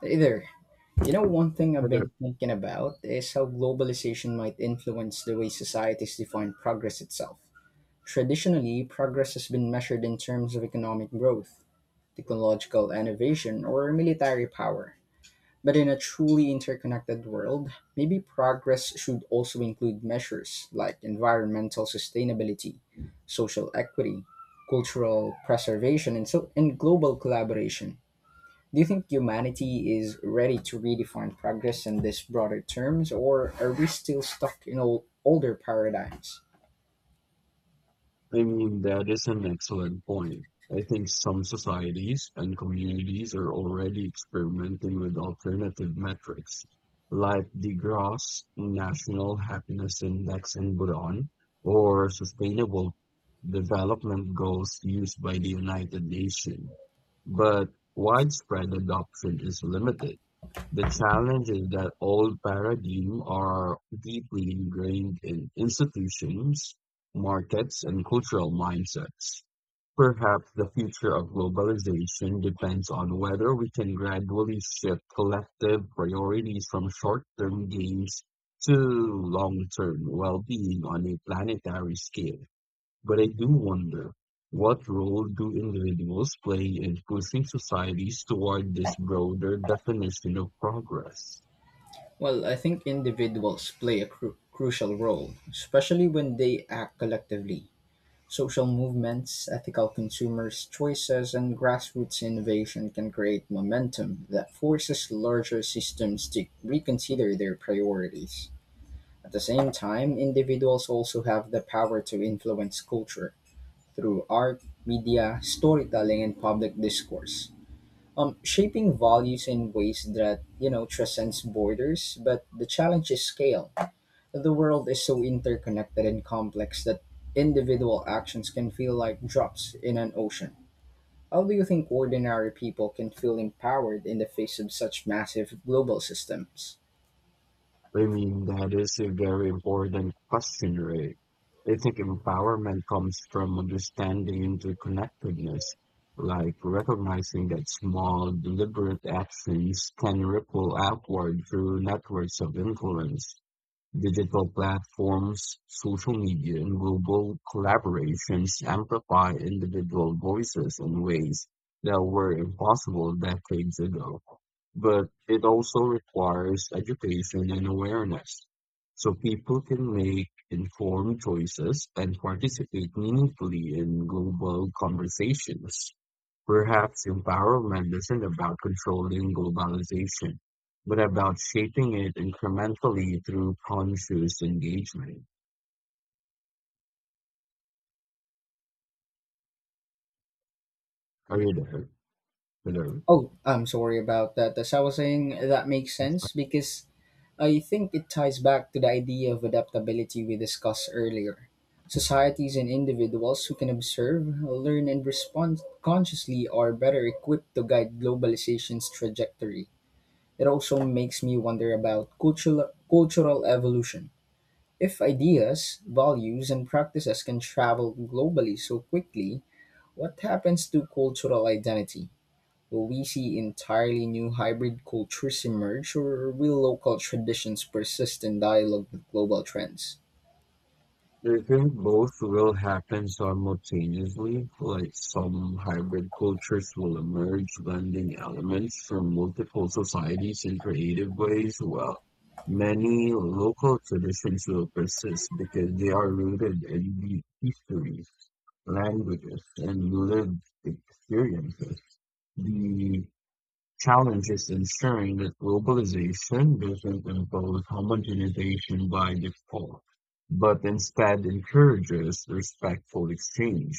Hey there. You know, one thing I've Uh, been thinking about is how globalization might influence the way societies define progress itself. Traditionally, progress has been measured in terms of economic growth, technological innovation, or military power. But in a truly interconnected world, maybe progress should also include measures like environmental sustainability, social equity, cultural preservation, and global collaboration. Do you think humanity is ready to redefine progress in these broader terms, or are we still stuck in older paradigms? I mean, that is an excellent point. I think some societies and communities are already experimenting with alternative metrics, like the Gross National Happiness Index in Bhutan or Sustainable Development Goals used by the United Nations. But widespread adoption is limited. The challenge is that old paradigms are deeply ingrained in institutions, markets, and cultural mindsets. Perhaps the future of globalization depends on whether we can gradually shift collective priorities from short-term gains to long-term well-being on a planetary scale. But I do wonder, what role do individuals play in pushing societies toward this broader definition of progress? Well, I think individuals play a crucial role, especially when they act collectively. Social movements, ethical consumers' choices, and grassroots innovation can create momentum that forces larger systems to reconsider their priorities. At the same time, individuals also have the power to influence culture through art, media, storytelling, and public discourse. Shaping values in ways that transcends borders, but the challenge is scale. The world is so interconnected and complex that individual actions can feel like drops in an ocean. How do you think ordinary people can feel empowered in the face of such massive global systems? I mean, that is a very important question, right? I think empowerment comes from understanding interconnectedness, like recognizing that small, deliberate actions can ripple outward through networks of influence. Digital platforms, social media, and global collaborations amplify individual voices in ways that were impossible decades ago. But it also requires education and awareness so people can make informed choices and participate meaningfully in global conversations. Perhaps empowerment isn't about controlling globalization, but about shaping it incrementally through conscious engagement. Are you there? Hello? Oh, I'm sorry about that. As I was saying, that makes sense because I think it ties back to the idea of adaptability we discussed earlier. Societies and individuals who can observe, learn, and respond consciously are better equipped to guide globalization's trajectory. It also makes me wonder about cultural evolution. If ideas, values, and practices can travel globally so quickly, what happens to cultural identity? Will we see entirely new hybrid cultures emerge, or will local traditions persist in dialogue with global trends? Do you think both will happen simultaneously, like some hybrid cultures will emerge, blending elements from multiple societies in creative ways? Well, many local traditions will persist because they are rooted in deep history, languages and lived experiences. The challenge is ensuring that globalization doesn't impose homogenization by default, but instead encourages respectful exchange.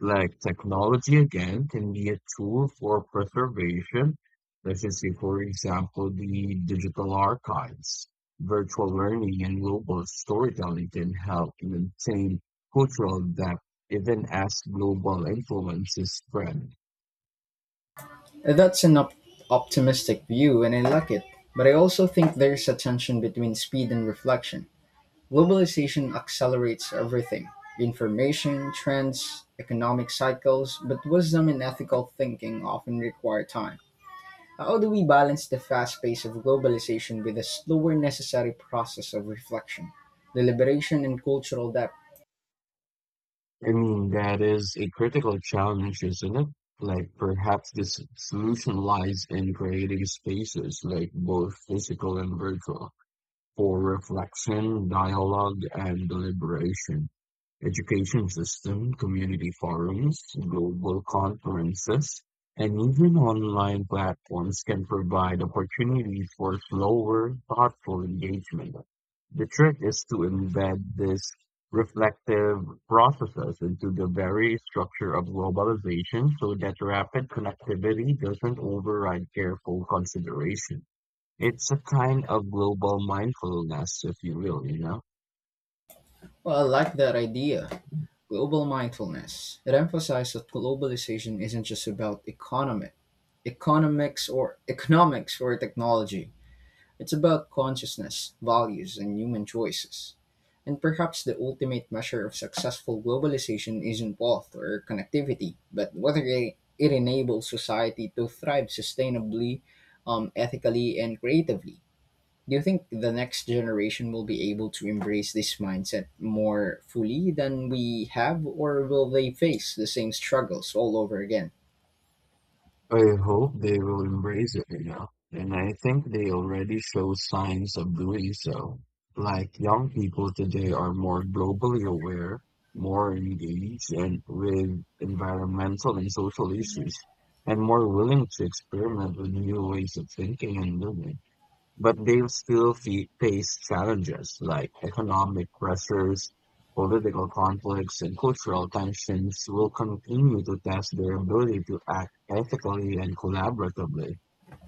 Like technology again can be a tool for preservation. Let's just say, for example, the digital archives. Virtual learning and global storytelling can help maintain cultural depth even as global influences spread. That's an optimistic view, and I like it. But I also think there's a tension between speed and reflection. Globalization accelerates everything: information, trends, economic cycles, but wisdom and ethical thinking often require time. How do we balance the fast pace of globalization with the slower necessary process of reflection, deliberation, and cultural depth? I mean, that is a critical challenge, isn't it? Like, perhaps the solution lies in creating spaces, like both physical and virtual, for reflection, dialogue, and deliberation. Education system, community forums, global conferences, and even online platforms can provide opportunities for slower, thoughtful engagement. The trick is to embed these reflective processes into the very structure of globalization so that rapid connectivity doesn't override careful consideration. It's a kind of global mindfulness, if you will, you know? Well, I like that idea. Global mindfulness. It emphasizes that globalization isn't just about economics or technology. It's about consciousness, values, and human choices. And perhaps the ultimate measure of successful globalization isn't wealth or connectivity, but whether it enables society to thrive sustainably, ethically, and creatively. Do you think the next generation will be able to embrace this mindset more fully than we have, or will they face the same struggles all over again? I hope they will embrace it enough, and I think they already show signs of doing so. Like young people today are more globally aware, more engaged and with environmental and social issues, and more willing to experiment with new ways of thinking and living. But they'll still fe face challenges like economic pressures, political conflicts, and cultural tensions will continue to test their ability to act ethically and collaboratively.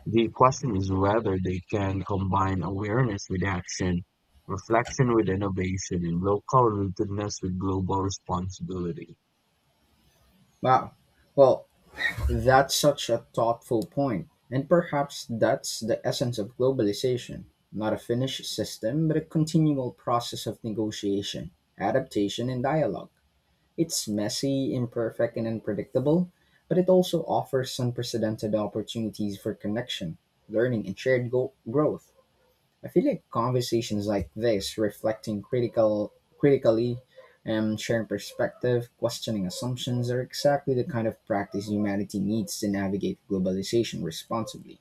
The question is whether they can combine awareness with action, reflection with innovation, and local rootedness with global responsibility. Wow. Well, that's such a thoughtful point, and perhaps that's the essence of globalization: not a finished system, but a continual process of negotiation, adaptation, and dialogue. It's messy, imperfect, and unpredictable, but it also offers unprecedented opportunities for connection, learning, and shared growth. I feel like conversations like this, reflecting critically and sharing perspective, questioning assumptions, are exactly the kind of practice humanity needs to navigate globalization responsibly.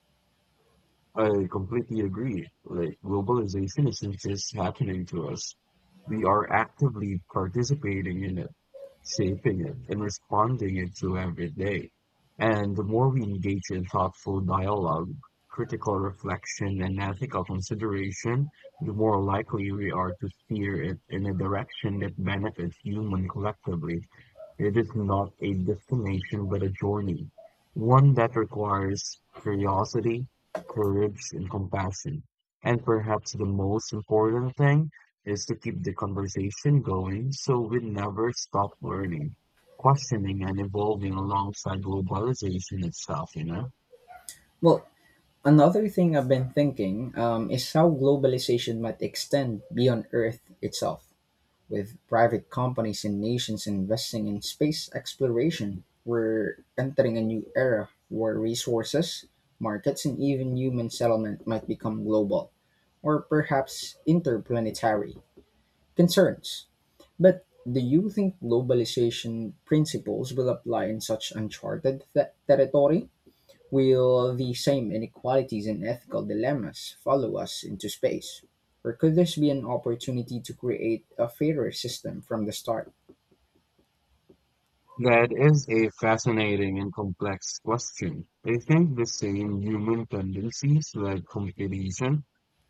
I completely agree. Like globalization isn't just happening to us. We are actively participating in it shaping it, and responding it to every day. And the more we engage in thoughtful dialogue, critical reflection, and ethical consideration, the more likely we are to steer it in a direction that benefits human collectively. It is not a destination but a journey, one that requires curiosity, courage, and compassion. And perhaps the most important thing is to keep the conversation going so we never stop learning, questioning, and evolving alongside globalization itself, you know? Well, another thing I've been thinking is how globalization might extend beyond Earth itself. With private companies and nations investing in space exploration, we're entering a new era where resources, markets, and even human settlement might become global or perhaps interplanetary concerns. But do you think globalization principles will apply in such uncharted territory? Will the same inequalities and ethical dilemmas follow us into space? Or could this be an opportunity to create a fairer system from the start? That is a fascinating and complex question. I think the same human tendencies like competition,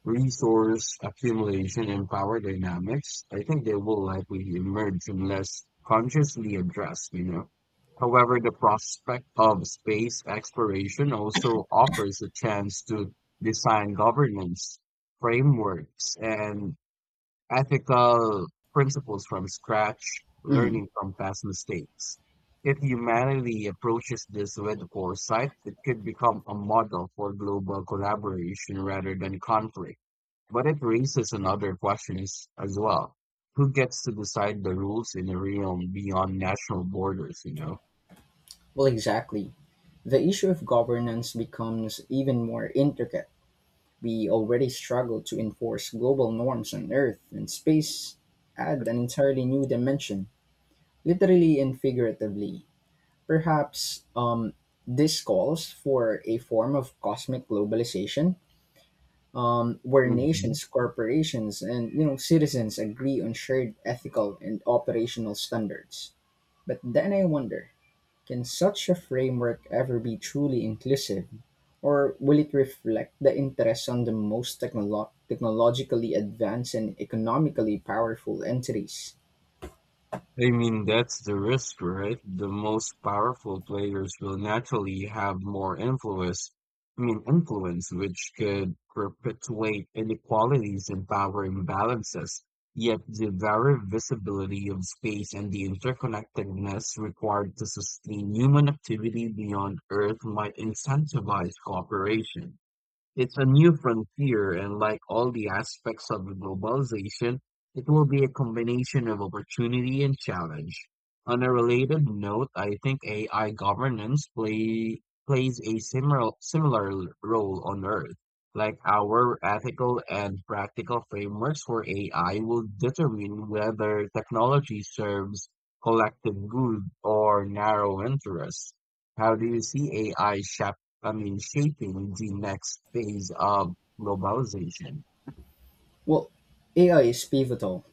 resource accumulation, and power dynamics, I think they will likely emerge unless consciously addressed, you know. However, the prospect of space exploration also offers a chance to design governance frameworks and ethical principles from scratch, Mhm. learning from past mistakes. If humanity approaches this with foresight, it could become a model for global collaboration rather than conflict. But it raises another question as well. Who gets to decide the rules in a realm beyond national borders, you know? Well, exactly. The issue of governance becomes even more intricate. We already struggle to enforce global norms on Earth, and space add an entirely new dimension, literally and figuratively. Perhaps this calls for a form of cosmic globalization, where Mhm. nations, corporations, and citizens agree on shared ethical and operational standards. But then I wonder, can such a framework ever be truly inclusive, or will it reflect the interests on the most technologically advanced and economically powerful entities? I mean, that's the risk, right? The most powerful players will naturally have more influence, I mean, influence, which could perpetuate inequalities and power imbalances. Yet the very visibility of space and the interconnectedness required to sustain human activity beyond Earth might incentivize cooperation. It's a new frontier, and like all the aspects of globalization, it will be a combination of opportunity and challenge. On a related note, I think AI governance plays a similar role on Earth. Like our ethical and practical frameworks for AI will determine whether technology serves collective good or narrow interests. How do you see AI shaping? I mean, shaping the next phase of globalization. Well, AI is pivotal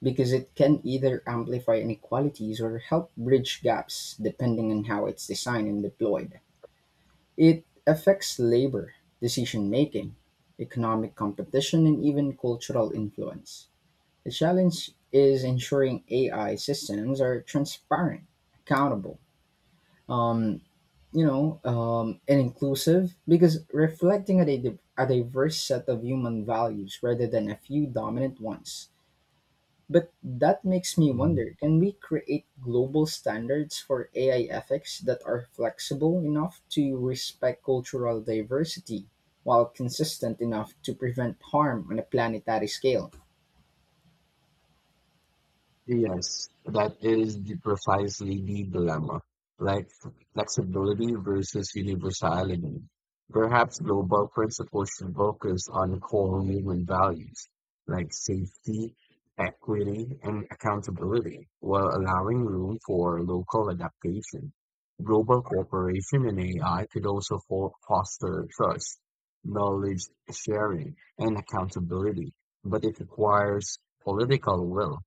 because it can either amplify inequalities or help bridge gaps depending on how it's designed and deployed. It affects labor, decision-making, economic competition and even cultural influence. The challenge is ensuring AI systems are transparent, accountable, um, and inclusive because reflecting at a diverse set of human values rather than a few dominant ones. But that makes me wonder, can we create global standards for AI ethics that are flexible enough to respect cultural diversity while consistent enough to prevent harm on a planetary scale? Yes, that is the precisely the dilemma, like flexibility versus universality. Perhaps global principles should focus on core human values like safety, equity, and accountability, while allowing room for local adaptation. Global cooperation in AI could also foster trust, knowledge sharing, and accountability, but it requires political will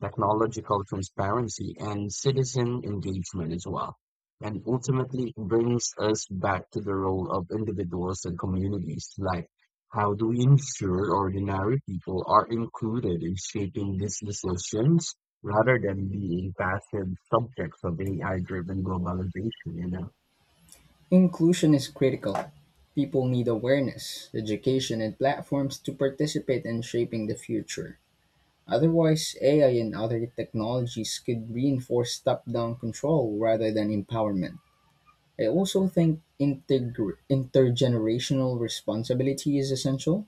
technological transparency and citizen engagement as well. And ultimately, it brings us back to the role of individuals and communities. Like, how do we ensure ordinary people are included in shaping these decisions rather than being passive subjects of AI driven globalization? You know, Inclusion is critical. People need awareness, education, and platforms to participate in shaping the future. Otherwise, AI and other technologies could reinforce top down control rather than empowerment. I also think intergenerational responsibility is essential.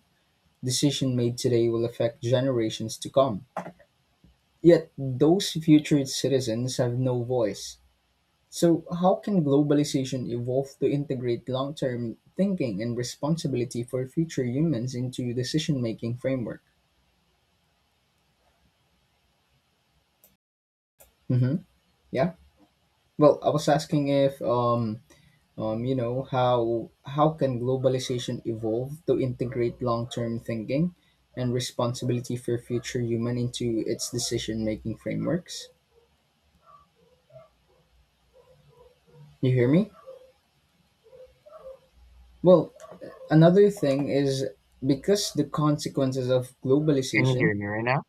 Decision made today will affect generations to come. Yet those future citizens have no voice. So how can globalization evolve to integrate long-term thinking and responsibility for future humans into decision-making framework? hmm Yeah. Well, I was asking if how can globalization evolve to integrate long-term thinking and responsibility for future human into its decision-making frameworks? You hear me? Well, another thing is because the consequences of can you globalization. hear me right now?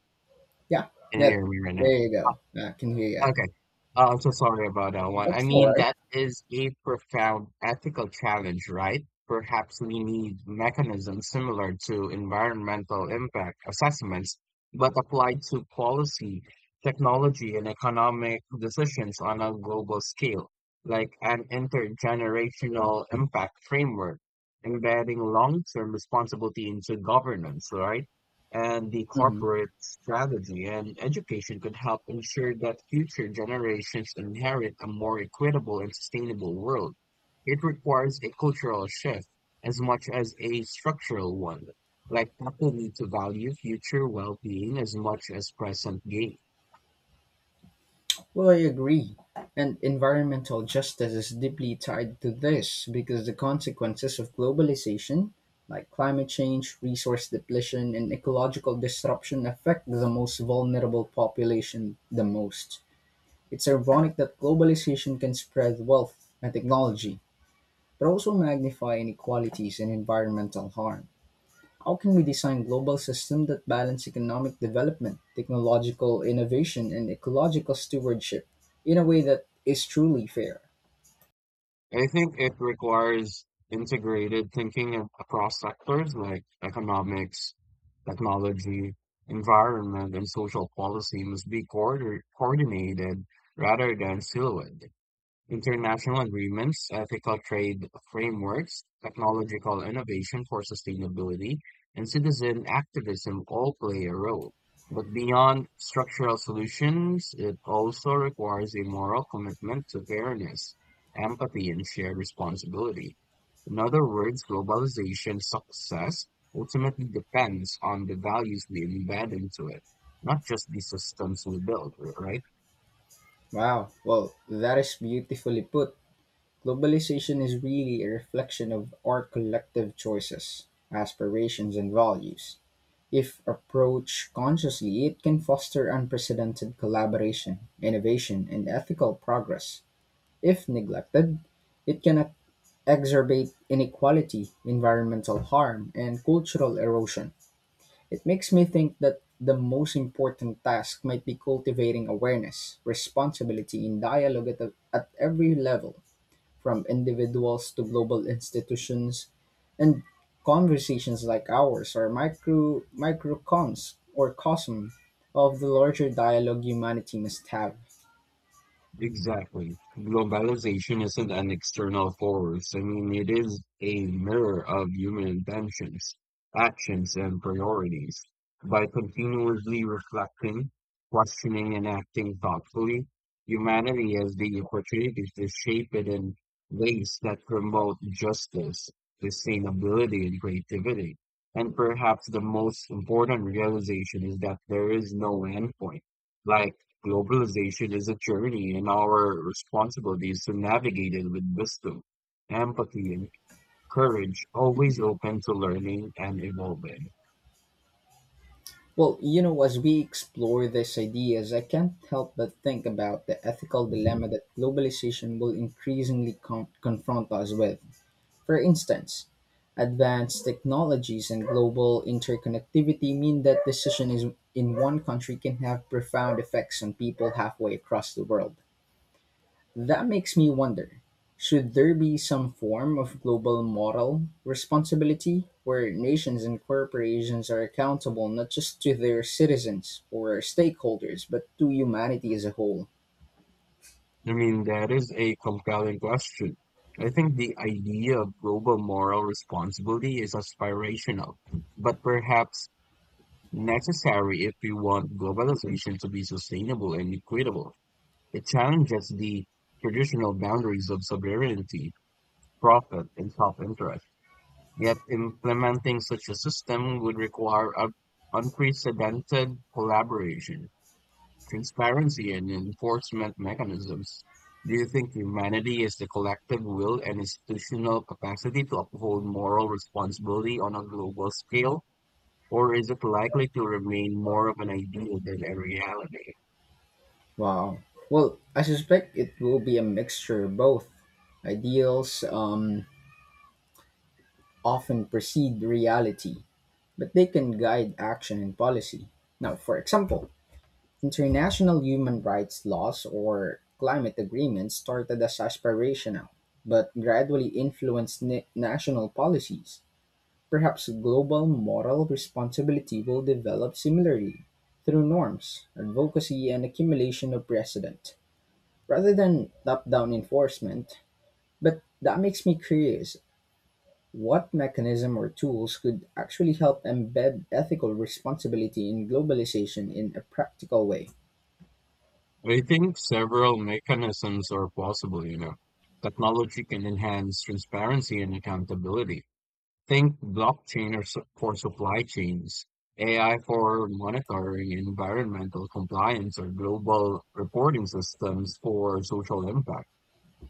Yeah, Can you that hear me right now? there you go. I can hear you. Okay. I'm so sorry about that one. I That's all mean, right. that is a profound ethical challenge, right? Perhaps we need mechanisms similar to environmental impact assessments, but applied to policy, technology, and economic decisions on a global scale, like an intergenerational impact framework, embedding long-term responsibility into governance, right? And the Mhm. corporate strategy and education could help ensure that future generations inherit a more equitable and sustainable world. It requires a cultural shift as much as a structural one, like people need to value future well-being as much as present gain. Well, I agree. And environmental justice is deeply tied to this because the consequences of globalization, like climate change, resource depletion, and ecological disruption, affect the most vulnerable population the most. It's ironic that globalization can spread wealth and technology, but also magnify inequalities and environmental harm. How can we design global systems that balance economic development, technological innovation, and ecological stewardship in a way that is truly fair? I think it requires integrated thinking across sectors like economics, technology, environment, and social policy must be coordinated rather than siloed. International agreements, ethical trade frameworks, technological innovation for sustainability, and citizen activism all play a role. But beyond structural solutions, it also requires a moral commitment to fairness, empathy, and shared responsibility. In other words, globalization success ultimately depends on the values we embed into it, not just the systems we build, right? Wow, well, that is beautifully put. Globalization is really a reflection of our collective choices, aspirations, and values. If approached consciously, it can foster unprecedented collaboration, innovation, and ethical progress. If neglected, it can exacerbate inequality, environmental harm, and cultural erosion. It makes me think that the most important task might be cultivating awareness, responsibility, and dialogue at every level, from individuals to global institutions. And conversations like ours are microcons or cosm of the larger dialogue humanity must have. Exactly. Globalization isn't an external force. I mean, it is a mirror of human intentions, actions, and priorities. By continuously reflecting, questioning, and acting thoughtfully, humanity has the opportunity to shape it in ways that promote justice, sustainability, and creativity. And perhaps the most important realization is that there is no endpoint. Like, globalization is a journey, and our responsibility is to navigate it with wisdom, empathy, and courage, always open to learning and evolving. Well, you know, as we explore these ideas, I can't help but think about the ethical dilemma that globalization will increasingly confront us with. For instance, advanced technologies and global interconnectivity mean that decision is in one country can have profound effects on people halfway across the world. That makes me wonder, should there be some form of global moral responsibility where nations and corporations are accountable not just to their citizens or stakeholders, but to humanity as a whole? I mean, that is a compelling question. I think the idea of global moral responsibility is aspirational, but perhaps necessary if we want globalization to be sustainable and equitable. It challenges the traditional boundaries of sovereignty, profit, and self-interest. Yet implementing such a system would require unprecedented collaboration, transparency, and enforcement mechanisms. Do you think humanity has the collective will and institutional capacity to uphold moral responsibility on a global scale? Or is it likely to remain more of an ideal than a reality? Wow. Well, I suspect it will be a mixture of both. Ideals often precede reality, but they can guide action and policy. Now, for example, international human rights laws or climate agreements started as aspirational, but gradually influenced national policies. Perhaps global moral responsibility will develop similarly through norms, advocacy, and accumulation of precedent, rather than top down enforcement. But that makes me curious, what mechanism or tools could actually help embed ethical responsibility in globalization in a practical way? I think several mechanisms are possible, you know. Technology can enhance transparency and accountability. Think blockchain or for supply chains, AI for monitoring environmental compliance, or global reporting systems for social impact.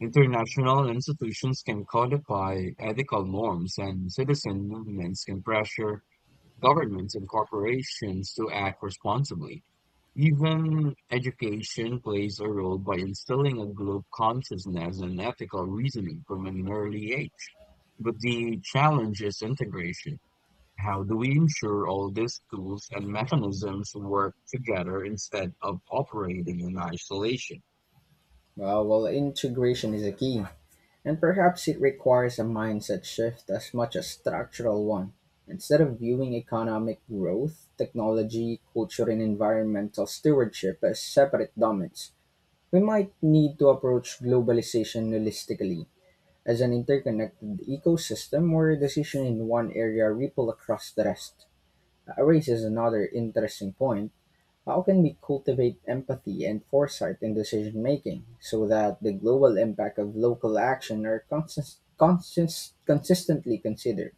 International institutions can codify ethical norms, and citizen movements can pressure governments and corporations to act responsibly. Even education plays a role by instilling a global consciousness and ethical reasoning from an early age. But the challenge is integration. How do we ensure all these tools and mechanisms work together instead of operating in isolation? Well, integration is a key, and perhaps it requires a mindset shift as much as structural one. Instead of viewing economic growth, technology, culture, and environmental stewardship as separate domains, we might need to approach globalization holistically as an interconnected ecosystem where a decision in one area ripple across the rest. Raises another interesting point, how can we cultivate empathy and foresight in decision making so that the global impact of local action are consistently considered?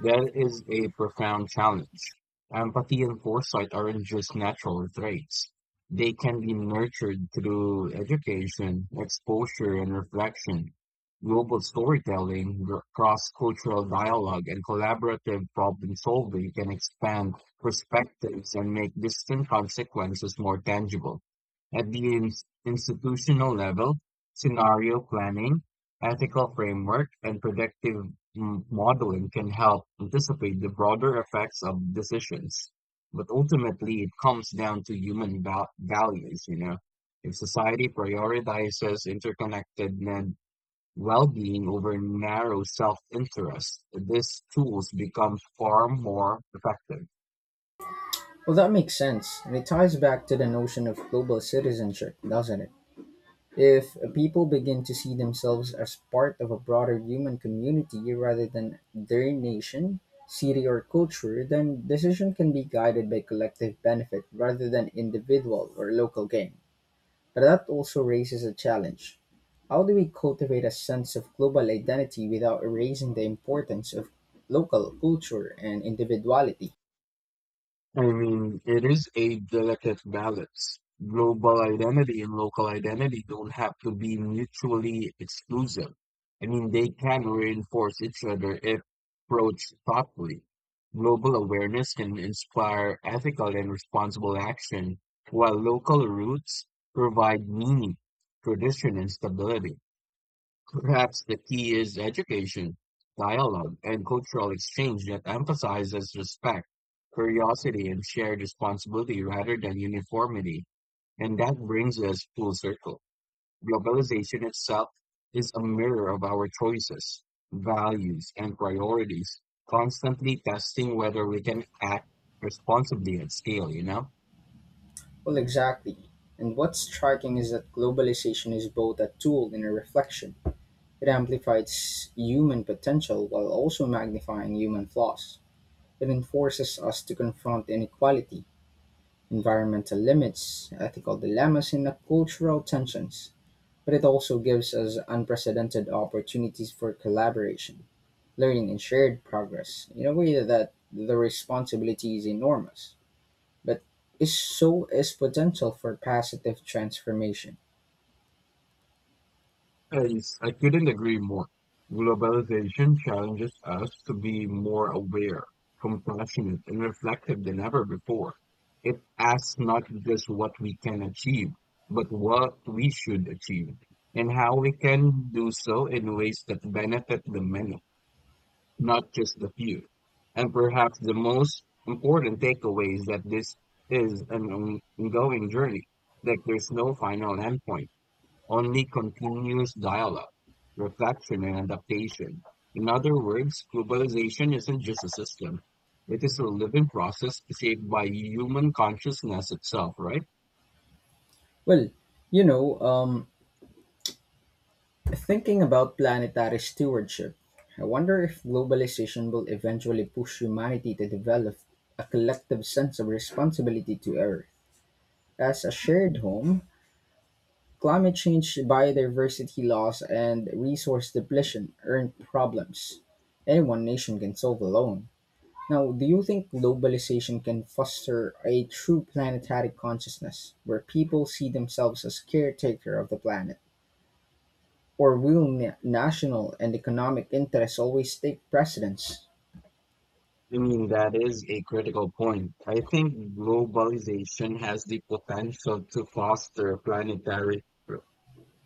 That is a profound challenge. Empathy and foresight aren't just natural traits. They can be nurtured through education, exposure, and reflection, global storytelling, cross cultural dialogue, and collaborative problem solving can expand perspectives and make distant consequences more tangible. At the institutional level, scenario planning, ethical framework and predictive modeling can help anticipate the broader effects of decisions. But ultimately, it comes down to human values, you know. If society prioritizes interconnected and well-being over narrow self-interest, these tools become far more effective. Well, that makes sense, and it ties back to the notion of global citizenship, doesn't it? If people begin to see themselves as part of a broader human community rather than their nation, city, or culture, then decision can be guided by collective benefit rather than individual or local gain. But that also raises a challenge. How do we cultivate a sense of global identity without erasing the importance of local culture and individuality? I mean, it is a delicate balance. Global identity and local identity don't have to be mutually exclusive. I mean, they can reinforce each other if approached thoughtfully. Global awareness can inspire ethical and responsible action, while local roots provide meaning, tradition, and stability. Perhaps the key is education, dialogue, and cultural exchange that emphasizes respect, curiosity, and shared responsibility rather than uniformity. And that brings us full circle. Globalization itself is a mirror of our choices, values, and priorities, constantly testing whether we can act responsibly at scale, you know? Well, exactly. And what's striking is that globalization is both a tool and a reflection. It amplifies human potential while also magnifying human flaws. It enforces us to confront inequality, environmental limits, ethical dilemmas, and cultural tensions. But it also gives us unprecedented opportunities for collaboration, learning, and shared progress in a way that the responsibility is enormous, but is so is potential for positive transformation. Yes, I couldn't agree more. Globalization challenges us to be more aware, compassionate, and reflective than ever before. It asks not just what we can achieve, but what we should achieve, and how we can do so in ways that benefit the many, not just the few. And perhaps the most important takeaway is that this is an ongoing journey, that there's no final endpoint only continuous dialogue, reflection, and adaptation. In other words, globalization isn't just a system, it is a living process shaped by human consciousness itself, right? Well, you know, thinking about planetary stewardship, I wonder if globalization will eventually push humanity to develop a collective sense of responsibility to Earth as a shared home. Climate change, biodiversity loss, and resource depletion aren't problems any one nation can solve alone. Now, do you think globalization can foster a true planetary consciousness where people see themselves as caretaker of the planet? Or will national and economic interests always take precedence? I mean, that is a critical point. I think globalization has the potential to foster planetary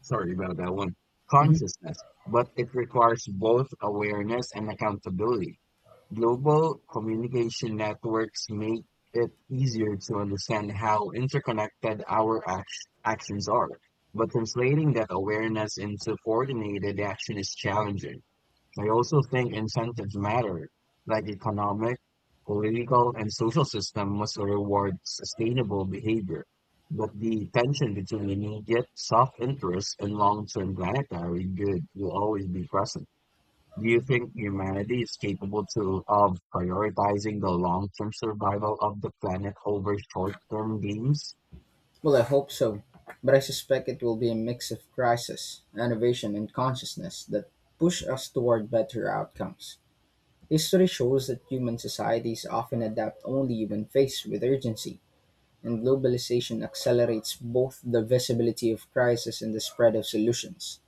Sorry about that one. Mhm. Consciousness, but it requires both awareness and accountability. Global communication networks make it easier to understand how interconnected our actions are, but translating that awareness into coordinated action is challenging. I also think incentives matter, like economic, political, and social system must reward sustainable behavior. But the tension between immediate self-interest and long-term planetary good will always be present. Do you think humanity is capable to of prioritizing the long-term survival of the planet over short-term gains? Well, I hope so, but I suspect it will be a mix of crisis, innovation, and consciousness that push us toward better outcomes. History shows that human societies often adapt only when faced with urgency, and globalization accelerates both the visibility of crisis and the spread of solutions.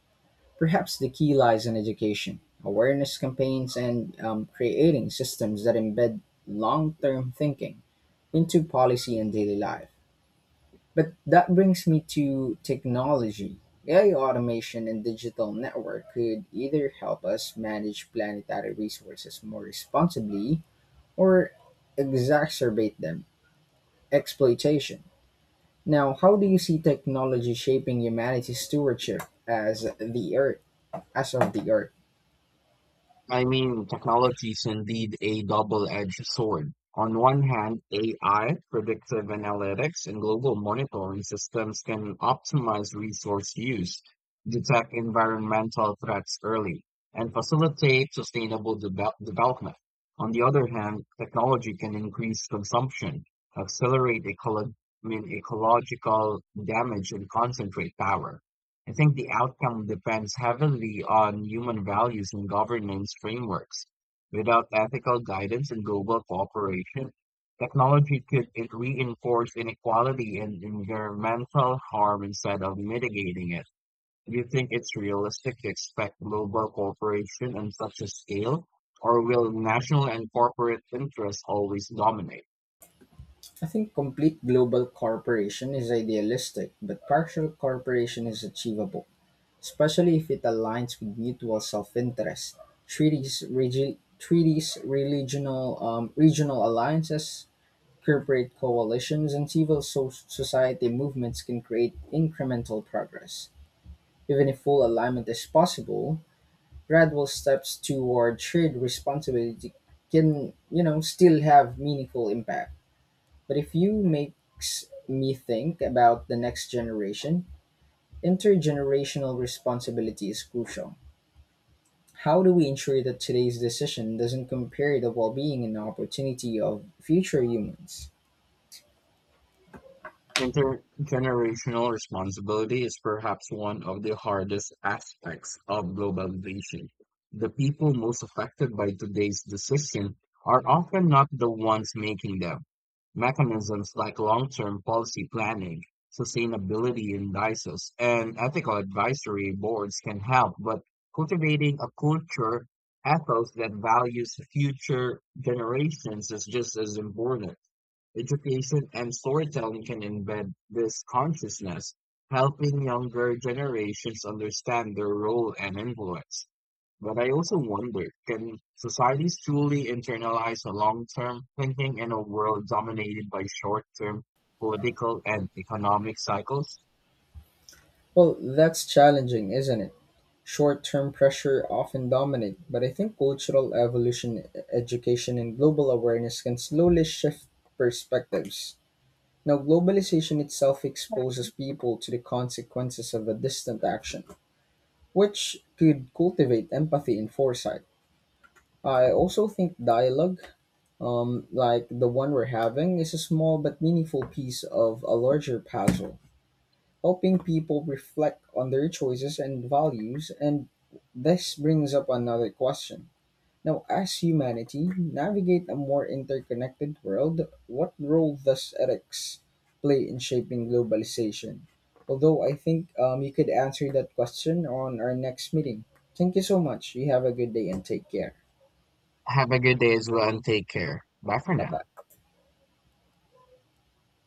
Perhaps the key lies in education, awareness campaigns, and creating systems that embed long term thinking into policy and daily life. But that brings me to technology. AI automation and digital network could either help us manage planetary resources more responsibly or exacerbate them, exploitation. Now, how do you see technology shaping humanity's stewardship as the earth, as of the earth? I mean, technology is indeed a double-edged sword. On one hand, AI, predictive analytics, and global monitoring systems can optimize resource use, detect environmental threats early, and facilitate sustainable development. On the other hand, technology can increase consumption, accelerate I mean, ecological damage, and concentrate power. I think the outcome depends heavily on human values and governance frameworks. Without ethical guidance and global cooperation, technology could reinforce inequality and environmental harm instead of mitigating it. Do you think it's realistic to expect global cooperation on such a scale, or will national and corporate interests always dominate? I think complete global corporation is idealistic, but partial corporation is achievable, especially if it aligns with mutual self-interest. Treaties, regional alliances, corporate coalitions, and civil society movements can create incremental progress. Even if full alignment is possible, gradual steps toward shared responsibility can, you know, still have meaningful impact. But if you makes me think about the next generation, intergenerational responsibility is crucial. How do we ensure that today's decision doesn't compare the well-being and opportunity of future humans? Intergenerational responsibility is perhaps one of the hardest aspects of globalization. The people most affected by today's decision are often not the ones making them. Mechanisms like long-term policy planning, sustainability indices, and ethical advisory boards can help, but cultivating a culture ethos that values future generations is just as important. Education and storytelling can embed this consciousness, helping younger generations understand their role and influence. But I also wonder, can societies truly internalize a long-term thinking in a world dominated by short-term political and economic cycles? Well, that's challenging, isn't it? Short term pressure often dominate, but I think cultural evolution, education, and global awareness can slowly shift perspectives. Now, globalization itself exposes people to the consequences of a distant action, which could cultivate empathy and foresight. I also think dialogue, like the one we're having, is a small but meaningful piece of a larger puzzle helping people reflect on their choices and values. And this brings up another question. Now, as humanity navigate a more interconnected world, what role does ethics play in shaping globalization? Although I think you could answer that question on our next meeting. Thank you so much. You have a good day and take care. Have a good day as well and take care. Bye for Bye now. bye.